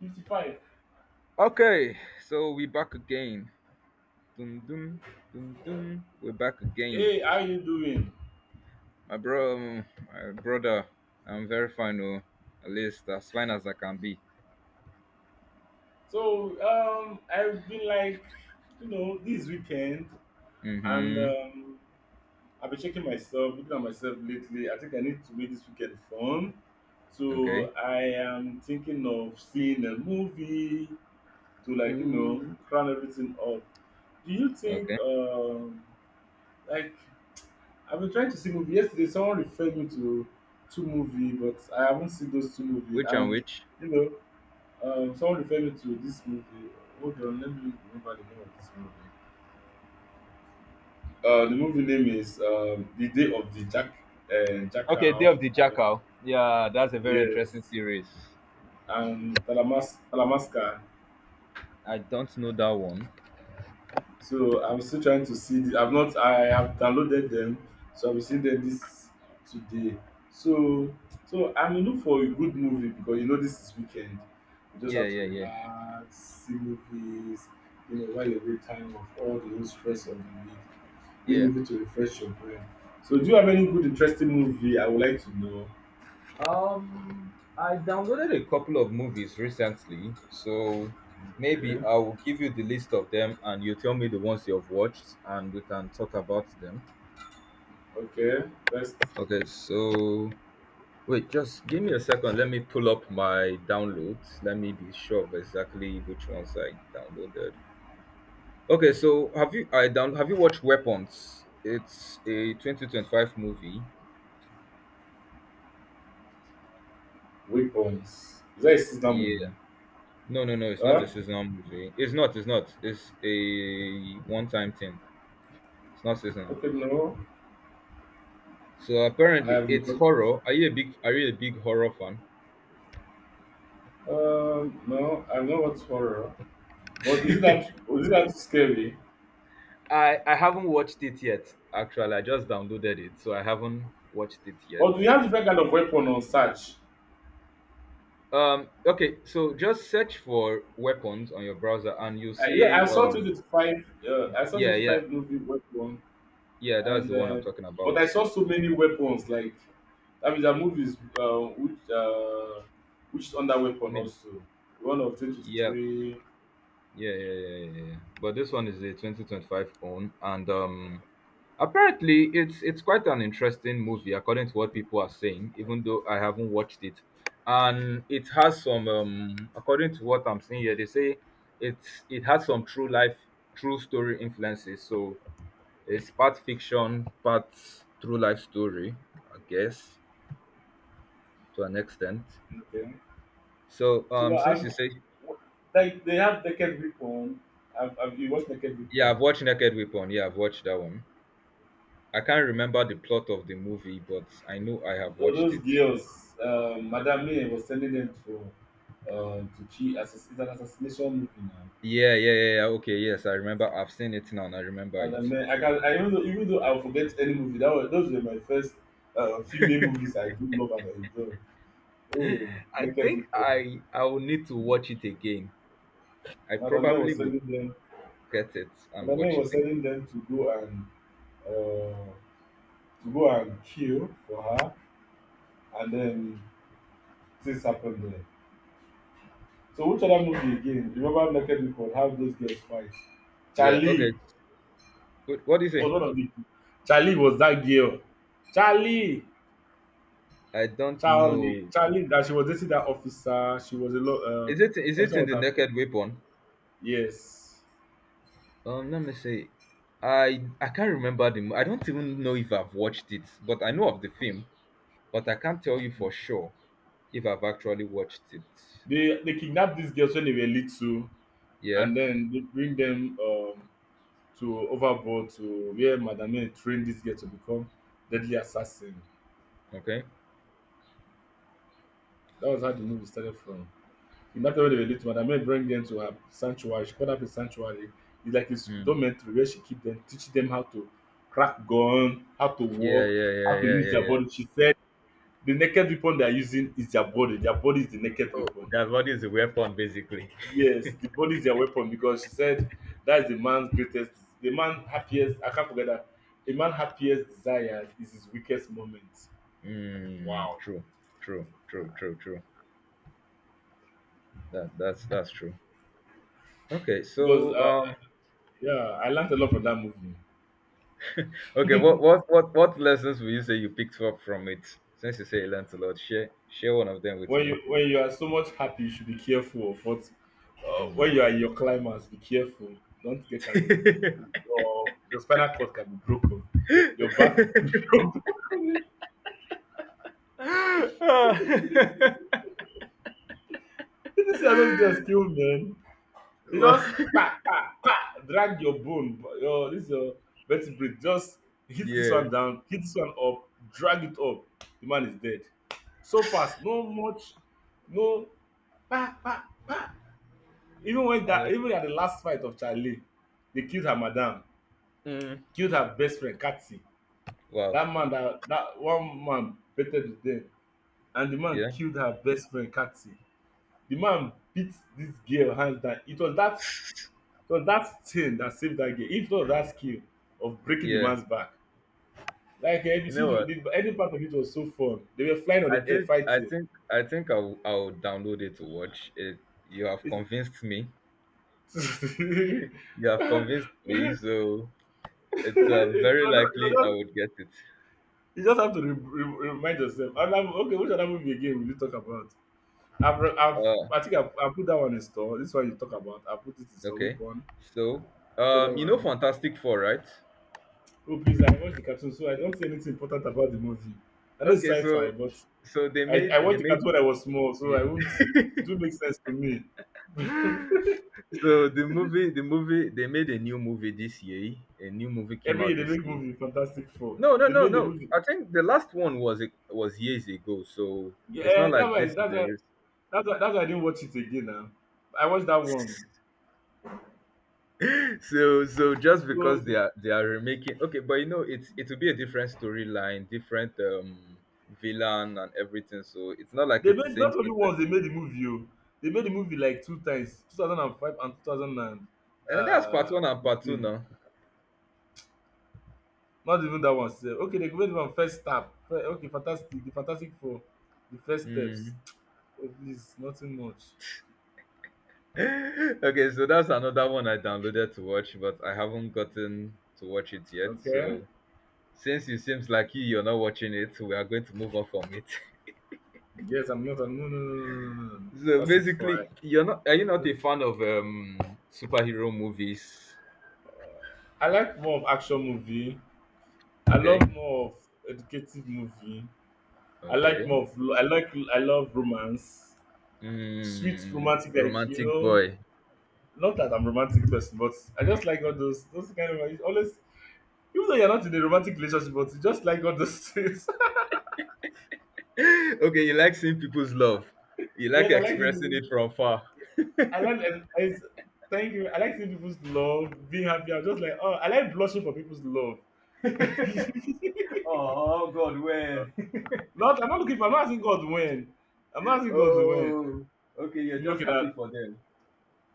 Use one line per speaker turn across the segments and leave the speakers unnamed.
55.
Okay, so we back again. Dum dum dum dum. We're back again.
Hey, how you doing?
My bro, my brother. I'm very fine, oh. At least as fine as I can be.
So, I've been this weekend, and
Mm-hmm.
um, I've been checking myself, looking at myself lately. I think I need to make this weekend fun.
Okay.
So I am thinking of seeing a movie to crown everything up. Do you think,
Okay.
like, I've been trying to see movie yesterday. Someone referred me to two movie, but I haven't seen those two movie,
Which and
and
which?
you know, someone referred me to this movie. Hold on, let me remember the name of this movie. The movie name is The Day of the
Okay, Day
Jackal.
of the
And,
Jackal. Yeah, that's a very interesting
yes,
series.
and Talamasca.
I don't know that one.
So I'm still trying to see. I've not. I have downloaded them, so I'll be seeing them this today. So so I'm in look for a good movie because you know this is weekend. You just
Yeah,
have to
yeah, yeah.
relax, see movies. While you're time of all the whole stress of the week. This
Yeah.
movie to refresh your brain. So, do you have any good, interesting movie I would like to know?
I downloaded a couple of movies recently, so maybe
Okay,
I will give you the list of them and you tell me the ones you've watched and we can talk about them.
okay. Best
Okay, so wait, just give me a second. Let me pull up my downloads. Let me be sure of exactly which ones I downloaded. Okay, so have you watched Weapons? It's a 2025 movie.
Weapons. Is that a sister movie?
Yeah. No, no, no, it's not a
Huh?
seasonal movie. It's not. It's a one-time thing. It's not seasonal.
Okay, no.
So
I
apparently,
have
it's
no.
horror. Are you a big horror fan?
No, I know what's horror. But is it that? Is it that scary?
I haven't watched it yet. Actually, I just downloaded it, so I haven't watched it yet.
But we have different kind of weapon on search.
Okay. So just search for weapons on your browser, and you
Yeah, I
see.
saw 25. I saw
Yeah. Yeah.
25 movie weapon.
Yeah. That's
And
the one I'm talking
but I
about.
saw so many weapons. Like that means that movie is which is under weapon
Name.
also one of twenty twenty
Yeah.
three.
Yeah. Yeah. Yeah. Yeah. yeah. But this one is a 2025 own, and apparently, it's quite an interesting movie, according to what people are saying. Even though I haven't watched it, and it has some, according to what I'm seeing here, they say it has some true life, true story influences. So it's part fiction, part true life story, I guess, to an extent.
Okay,
So
so
since you
I'm
say
like they have naked weapon. I've you watched naked
yeah, I've
weapon.
watched Naked Weapon. Yeah, I've watched that one. I can't remember the plot of the movie, but I know I have
All
watched
those
it.
girls, Madame May was sending them to cheat. It's an assassination movie now.
Yeah, yeah, yeah, yeah. Okay, yes, I remember. I've seen it now and I remember
And I
it.
mean, I, even though, even though, I'll forget any movie, those were my first female movies I do love and enjoy. Oh,
I
naked
think
people.
I I will need to watch it again. I
Madam May
probably
was
will
telling them.
get it and
Madam May
watch it
was
again.
telling them to go uh, and kill for her, and then things happened there. So which other movie again? You remember naked people how those girls fight.
Yeah, okay.
Charlie
What do you
was
say?
one of the. Charlie was that girl. Charlie,
I don't
Charlie,
know.
Charlie. That she was dating that officer. She was a lot.
Is it
Officer
in
was
the
her.
Naked Weapon?
Yes.
Let me see. I can't remember the. Mo- I don't even know if I've watched it, but I know of the film, but I can't tell you for sure if I've actually watched it.
They kidnapped these girls when they were little,
Yeah.
and then they bring them. To Overboard, to where Madame May trained this girl to become deadly assassin.
Okay.
That was how the movie started from. In that time when they were little, Madame May bring them to her sanctuary. She called up a sanctuary. It's like a
Mm.
dormitory, where she keep them, teach them how to crack gun, how to
Yeah,
walk,
yeah, yeah,
how to
yeah,
use
yeah,
their
yeah.
body. She said the naked weapon they are using is their body. Their body is the naked
Oh,
weapon.
their body is a weapon, basically.
Yes, the body is their weapon, because she said that is the man's greatest, the man happiest. I can't forget that. A man happiest desires is his weakest moment.
Mm,
Wow.
true, true, true, true, true. That's true. Okay,
Because
so
yeah, I learned a lot from that movie.
okay, what lessons will you say you picked up from it? Since you say you learned a lot, share one of them with
When
me.
you when you are so much happy, you should be careful of what. When you
Mm.
are in your climax, be careful. Don't get carried away. Your spinal cord can be broken. Your back. Did this see how those girls kill men. They
well,
just pa pa pa drag your bone, your vertebrae. Just hit this
yeah.
one down, hit this one up, drag it up. The man is dead. So fast, no much, no pa pa pa.
And it-
Even at the last fight of Charlie, they killed her madam,
mm,
killed her best friend Kathy.
wow.
That man, that one man betted with them, and the man
Yeah.
killed her best friend Kathy. The man beat this girl hands down. It was that thing that saved that girl. If not that skill of breaking the
Yeah.
man's back, like eh, if you
You know
see the,
what?
the any part of it, was so fun. They were flying on
I
the air
think I
fighting.
think I think I'll I'll download it to watch it. You have
It's,
convinced me.
it
You
was
have convinced me, so it's
it
very likely I
was.
would get it.
You just have to remind yourself. And okay, which other movie again will you talk about? I've, re- I've,
Uh,
I think I put that one in store. This one you talk about, I put it in store. Which
okay.
one?
So,
Which other
you know
one?
Fantastic Four, right?
Oh, please, I watched the cartoon, so I don't say anything important about the movie. I know it's
Okay,
sci-fi,
so
but
so
I
they
watched the cartoon
made
when I was small, so I won't. It won't make sense to me.
so the movie they made a new movie this year. A new movie came
Every
out
year they
this
make
year.
movie Fantastic Four.
No, no,
They
no,
made the
no.
movie.
I think the last one was years ago, so it's not
Yeah, that's
like
why.
this is
That's why.
the
That's why I didn't watch it again. Now I watched that one.
so so just because they
So.
are they are remaking okay but you know it will be a different storyline different villain and everything so it's not like
They
it's the
made
same
not only
thing per
once they
se
made the movie. Oh. They made the movie like two times, 2005 and
and that's part one and part two
2015.
now.
Not even that one. Sir. Okay, they made one first step. Okay, fantastic. The Fantastic Four, the first
Hmm.
steps. Oh, please, nothing much.
okay so that's another one I downloaded to watch but I haven't gotten to watch it yet
Okay.
so since it seems like you're not watching it we are going to move on from it.
Yes, I'm not. No, no, no, no, no, no, no.
so
Fantastic Four.
basically you're not are you not a fan of superhero movies?
I like more of action movie. I
Okay.
love more of educative movie.
Okay.
I like, I love romance, sweet
Mm,
romantic like you
romantic
know.
boy.
Not that I'm a romantic person, but I just like all those kind of always, even though you're not in a romantic relationship, but you just like all those things.
okay, you like seeing people's love. You like
Yes, I like
experiencing
people.
it from far.
I thank you. I like seeing people's love, being happy. I'm just like, oh, I like blushing for people's love.
oh, God, when?
not I'm not looking for. I'm not asking God when. I'm not asking God when.
oh, okay, you're just
Okay,
happy
that
for them.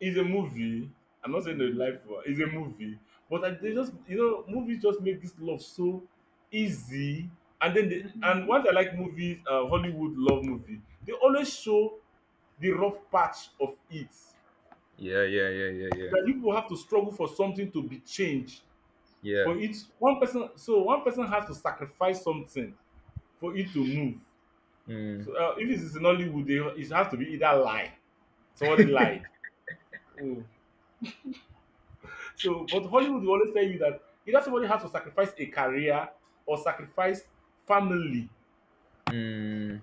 It's a movie. I'm not saying a
Mm,
life one. It's a movie. But they
yeah.
just, movies just make this love so easy. And then and once I like movies, Hollywood love movie. They always show the rough patch of it,
Yeah, yeah, yeah, yeah, yeah.
that people have to struggle for something to be changed
Yeah.
for it. One person has to sacrifice something for it to move.
Mm,
So if it's in Hollywood, it has to be either lie. Somebody lied. Oh. So, but Hollywood will always tell you that either somebody has to sacrifice a career or sacrifice family,
mm.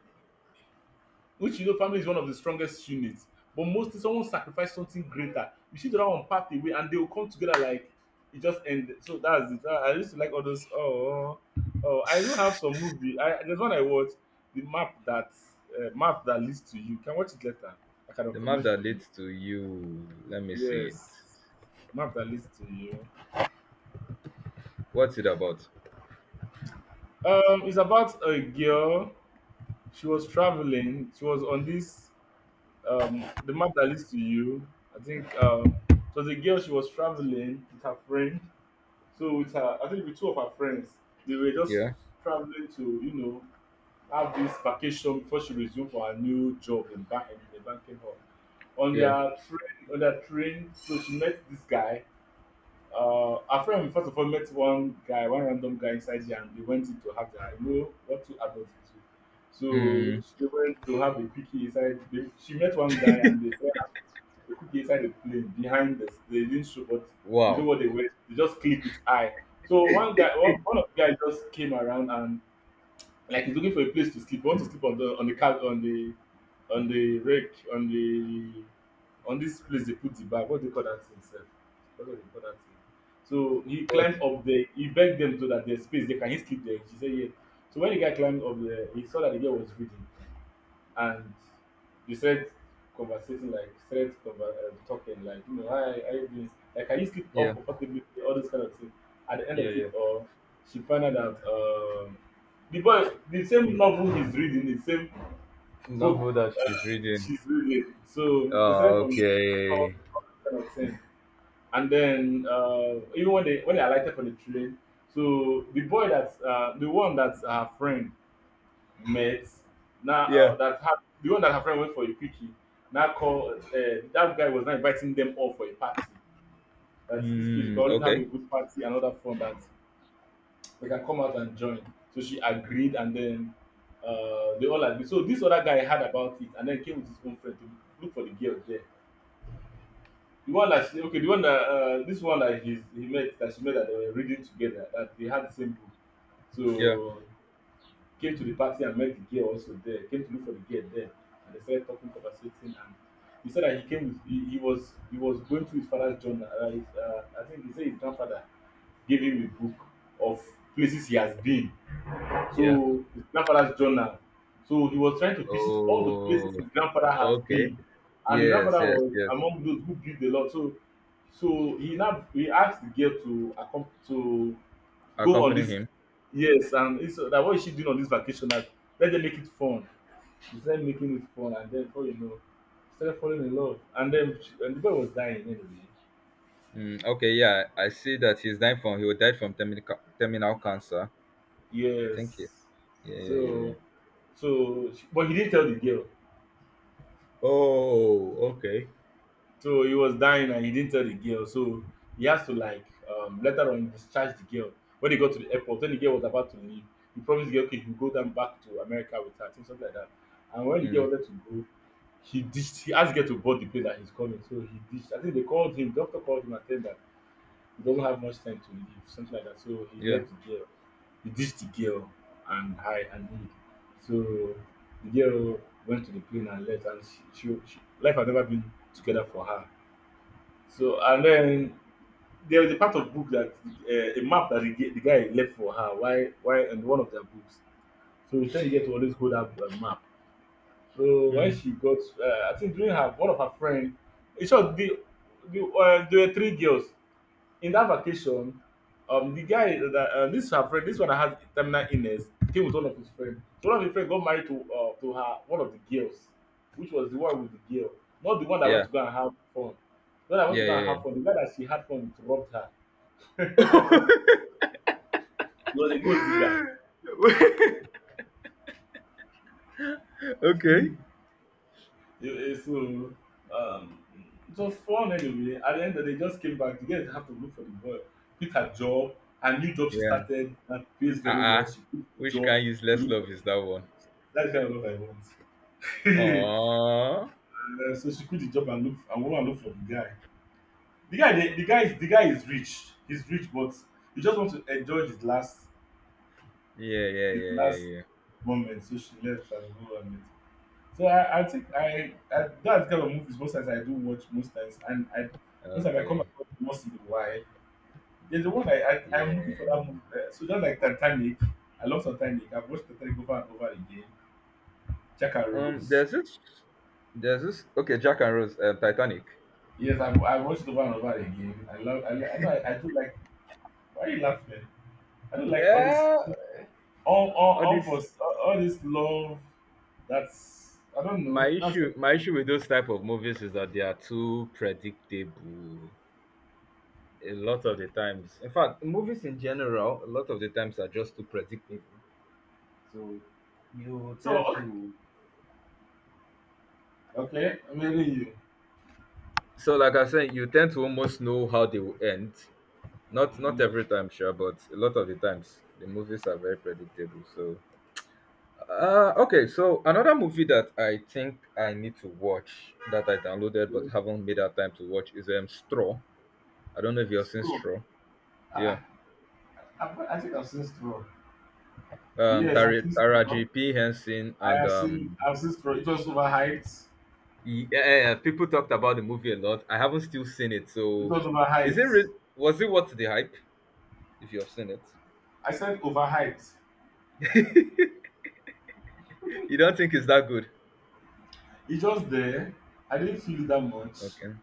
which family is one of the strongest units. But mostly someone sacrifice something greater. You see the other one part away and they will come together, like it just ended. So that's it. I used to like all those. Oh, oh, I do have some movie. There's one I watched, the map that leads to you. You can watch it later. I can
The map
recommend
that
for you.
leads to you. Let me see it.
Yes, map that leads to you.
What's it about?
It's about a girl she was traveling. She was on this the map that leads to you. I think it was a girl she was traveling with her friend. So with her, I think with two of her friends, they were just
Yeah,
traveling to, you know, have this vacation before she resumed for her new job in bank in the banking hall.
yeah.
On their train, so she met this guy. Our friend first of all met one guy, one random guy inside there, and they went in to have their, what two adults do. So
Mm,
she went to have a cookie inside. They, she met one guy, and they said, "Ah, the cookie inside the plane behind this. They didn't show, but we know
wow.
what they were. They just click with eye. So one guy, one of the guys just came around, and like he's looking for a place to sleep. He wants to sleep on the car, on the rake, on the on this place they put the bag. What do they call that thing sef? What do they call that thing? So he
What?
climbed up there. He begged them so that there's space. They can he sleep there? She said yeah. So when the guy climbed up there, he saw that the girl was reading, and you started conversating like, started talking, like, hi, how you doing, like can you sleep up
Yeah,
comfortably, all those kind of things. At the end
yeah,
of it,
yeah.
or she found out that the boy, the same novel he's reading, the same book
Novel that
that
she's reading.
she's reading, so they
Oh,
started from talk
okay.
all that kind of thing. And then even when they alighted from the train, so the boy that's the one that's her friend met. Now
Yeah.
the one that her friend went for a quickie. Now call that guy was now inviting them all for a party. That this place you can
Mm,
always have a
okay.
good party another other fun that they can come out and join. So she agreed, and then they all agreed. So this other guy heard about it, and then came with his own friend to look for the girl there. The one that she, okay, the one that this one that he met that she met that they were reading together, that they had the same book.
Yeah.
So came to the party and met the girl also there. Came to look for the girl there, and they started talking, conversating. And he said that he came with he was going through his father's journal. I think he said his grandfather gave him a book of places he has been.
Yeah.
So his grandfather's journal. So he was trying to visit all the places
Oh,
his grandfather has
okay.
been, and the
Yes,
grandfather
yes,
was
yes.
among those who built the lot. So he now he asked the girl to to go on
Accompany
this,
him.
yes, and it's that what is she doing on this vacation, like let them make it fun. She started making it fun, and then before you know she started falling in love, and then and the boy was dying anyway.
Mm, okay, yeah. I see that he's dying from he died from terminal ca- terminal cancer. Thank you.
Yes,
Yeah, yeah, yeah. yeah.
so she, but he didn't tell the girl.
Oh, okay.
So he was dying and he didn't tell the girl, so he has to, like, later on discharge the girl. When they got to the airport, when the girl was about to leave, he promised the girl, okay, he will go down back to America with her, I think, something like that. And when the
Mm,
girl wanted to go, he ditched, he asked to get to board the plane that he's coming. So he ditched, I think they called him, doctor called him and said that he doesn't have much time to leave, something like that. So he
yeah.
left the girl. He ditched the girl. And I and he. So the girl went to the plane and left, and she life had never been together for her. So and then there was a part of book that, a map that the, the guy left for her. Why and one of their books. So he said you get to always hold up a map. So when
Mm.
she got, I think during her one of her friend, in short, the, there were three girls in that vacation. The guy that this her friend, this one that has terminal illness, came with one of his friends. So one of his friends got married to her one of the girls, which was the one with the girl, not the one that went
Yeah.
to go and have fun. The one that went to
Yeah,
go and
yeah,
have fun, the guy that she had fun with robbed her.
yeah.
He was a gold digger.
okay.
Yeah, so um, it was fun anyway. At the end of the day, just came back. The girl had to look for the boy, quit her job, her new job she
Yeah.
started that pays very
Uh-uh.
well. She quit the
Which
job
kind
to
useless
look for,
love is that one?
that's the kind of love I want.
Oh.
So she quit the job and look and go and look for the guy. The guy, the guy is rich. He's rich, but he just wants to enjoy his last,
Yeah, yeah,
his
yeah, yeah,
last
yeah.
moment. So she left and go and met. So I think I that's kind of movies most times I do watch most times, and I most times I come
Okay.
across most in a while. There's the one I'm
Yeah.
looking for that movie. So just like Titanic, I love Titanic. I've watched Titanic over and over again. Jack and
Um,
Rose.
there's this, there's this. Okay, Jack and Rose, Titanic.
Yes, I watched it over and over again. I love. I know. I do like. Why are you laughing? I do like all this.
Yeah, all this.
All this love. That's I don't
My
know. That's
issue, my issue with those type of movies is that they are too predictable. A lot of the times, in fact, movies in general, a lot of the times are just too predictable. So you
so
tend to.
okay. Maybe you.
So, like I said, you tend to almost know how they will end. Not not
Mhm.
every time, sure, but a lot of the times, the movies are very predictable. So uh, okay, so another movie that I think I need to watch that I downloaded but haven't made that time to watch is Straw. I don't know if you've
It's
seen
true.
Straw. Yeah.
I think I've seen Stroll. Yes, I've seen Stroll.
Taraji P Henson and um,
I've seen Stroll. It was overhyped.
yeah, people talked about the movie a lot. I haven't still seen it,
It
so
was
is it
overhyped.
real? Was it worth the hype? If you have seen it,
I said overhyped.
you don't think it's that good?
It's just there. I didn't feel it that much.
Okay.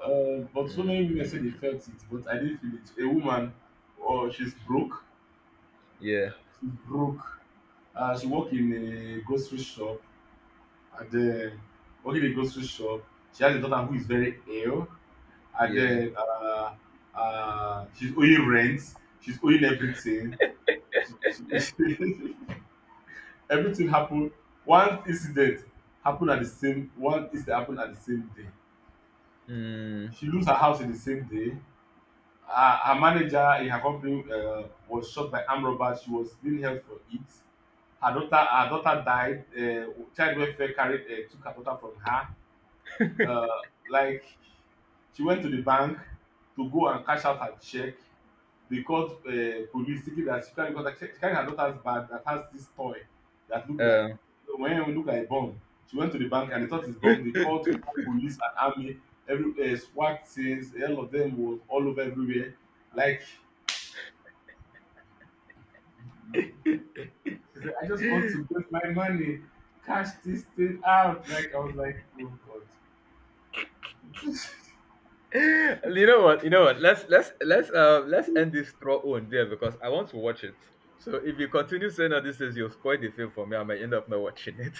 But so many women said they
Mm,
felt it, but I didn't feel it. A woman, oh, she's broke.
yeah.
She's broke. She work in a grocery shop. And then working in a grocery shop, she has a daughter who is very ill. And
Yeah.
then she's owing rent. She's owing everything. Everything happen, one incident happen at the same, day
Mm,
she lose her house. In the same day, her manager in her company, was shot by armed robbers. She was being held for it. Her daughter died. Child welfare carry, took her daughter from her. Like, she went to the bank to go and cash out her cheque. They called, police, thinking that she carried, because she carried her daughter's bag that has this toy that looked like,
um,
when we look, like bomb. She went to the bank and they thought it's bomb. They called police and army. Every SWAT teams, all of them was all over everywhere. Like she said, I just want to get my money, cash this thing out. Like I was like, oh god.
you know what? You know what? Let's let's end this straw on there because I want to watch it. So if you continue saying all this is you'll spoil the film for me, I might end up not watching it.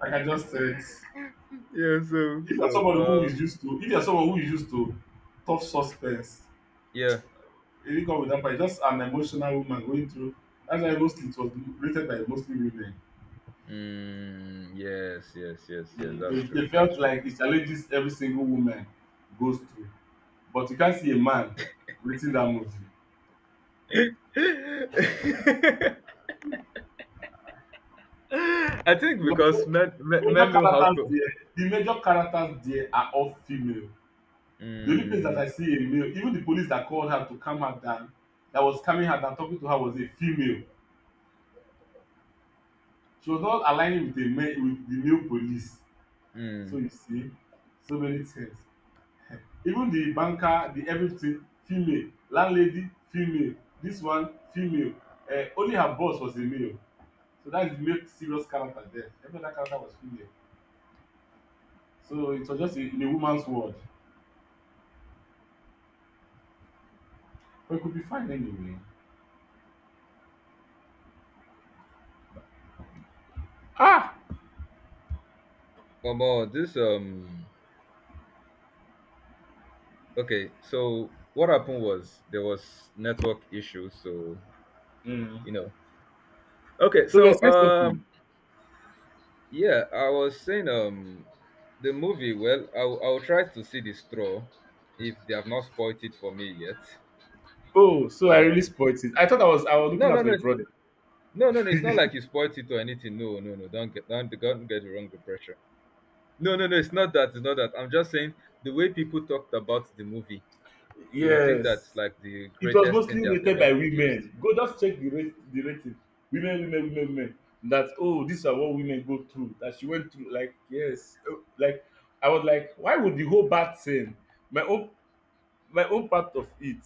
Like I just said, if
yeah. So
you're
so
someone who is used to, if you're someone who is used to tough suspense,
yeah.
if you come with that price, just an emotional woman going through. That's why mostly it was rated by mostly women.
Mm, yes yes yes yes. That's true.
They
That's
felt
true.
like it challenges every single woman goes through. But you can't see a man writing that movie.
I think
Because
because men men, men know how to.
the major characters there are all female. The only place
Mm,
that I see a male, even the police that called her to calm her down, that was calming her down, talking to her was a female. She was not aligning with the male police. So
mm.
you see, so many things. Even the banker, the everything, female, landlady female, this one female, only her boss was a male. So that's the make serious character there. Every other character was female. So it was just a, in a woman's world. But it could be fine anyway. Ah!
Omo, this. Okay, so what happened was there was network issues, so
Mm.
you know. Okay,
So we're
so
saying something.
yeah, I was saying the movie. Well, I'll try to see the straw if they have not spoiled it for me yet.
Oh, so I
But
really spoiled it. I thought I was
no,
looking
no,
out for
no,
a brother.
no, no, no. It's not like you spoiled it or anything. No, no, no. Don't get the wrong impression. No, no, no. It's not that. It's not that. I'm just saying the way people talked about the movie, you would think that's
Yes.
like the
It was
greatest thing
mostly
they have
rated
ever
by
produced.
women. Go just check the rate, the rating. Women, women, women, women, that oh, these are what women go through, that she went through, like, yes. Oh, like I was like, why would the whole bad thing, my own, my own part of it.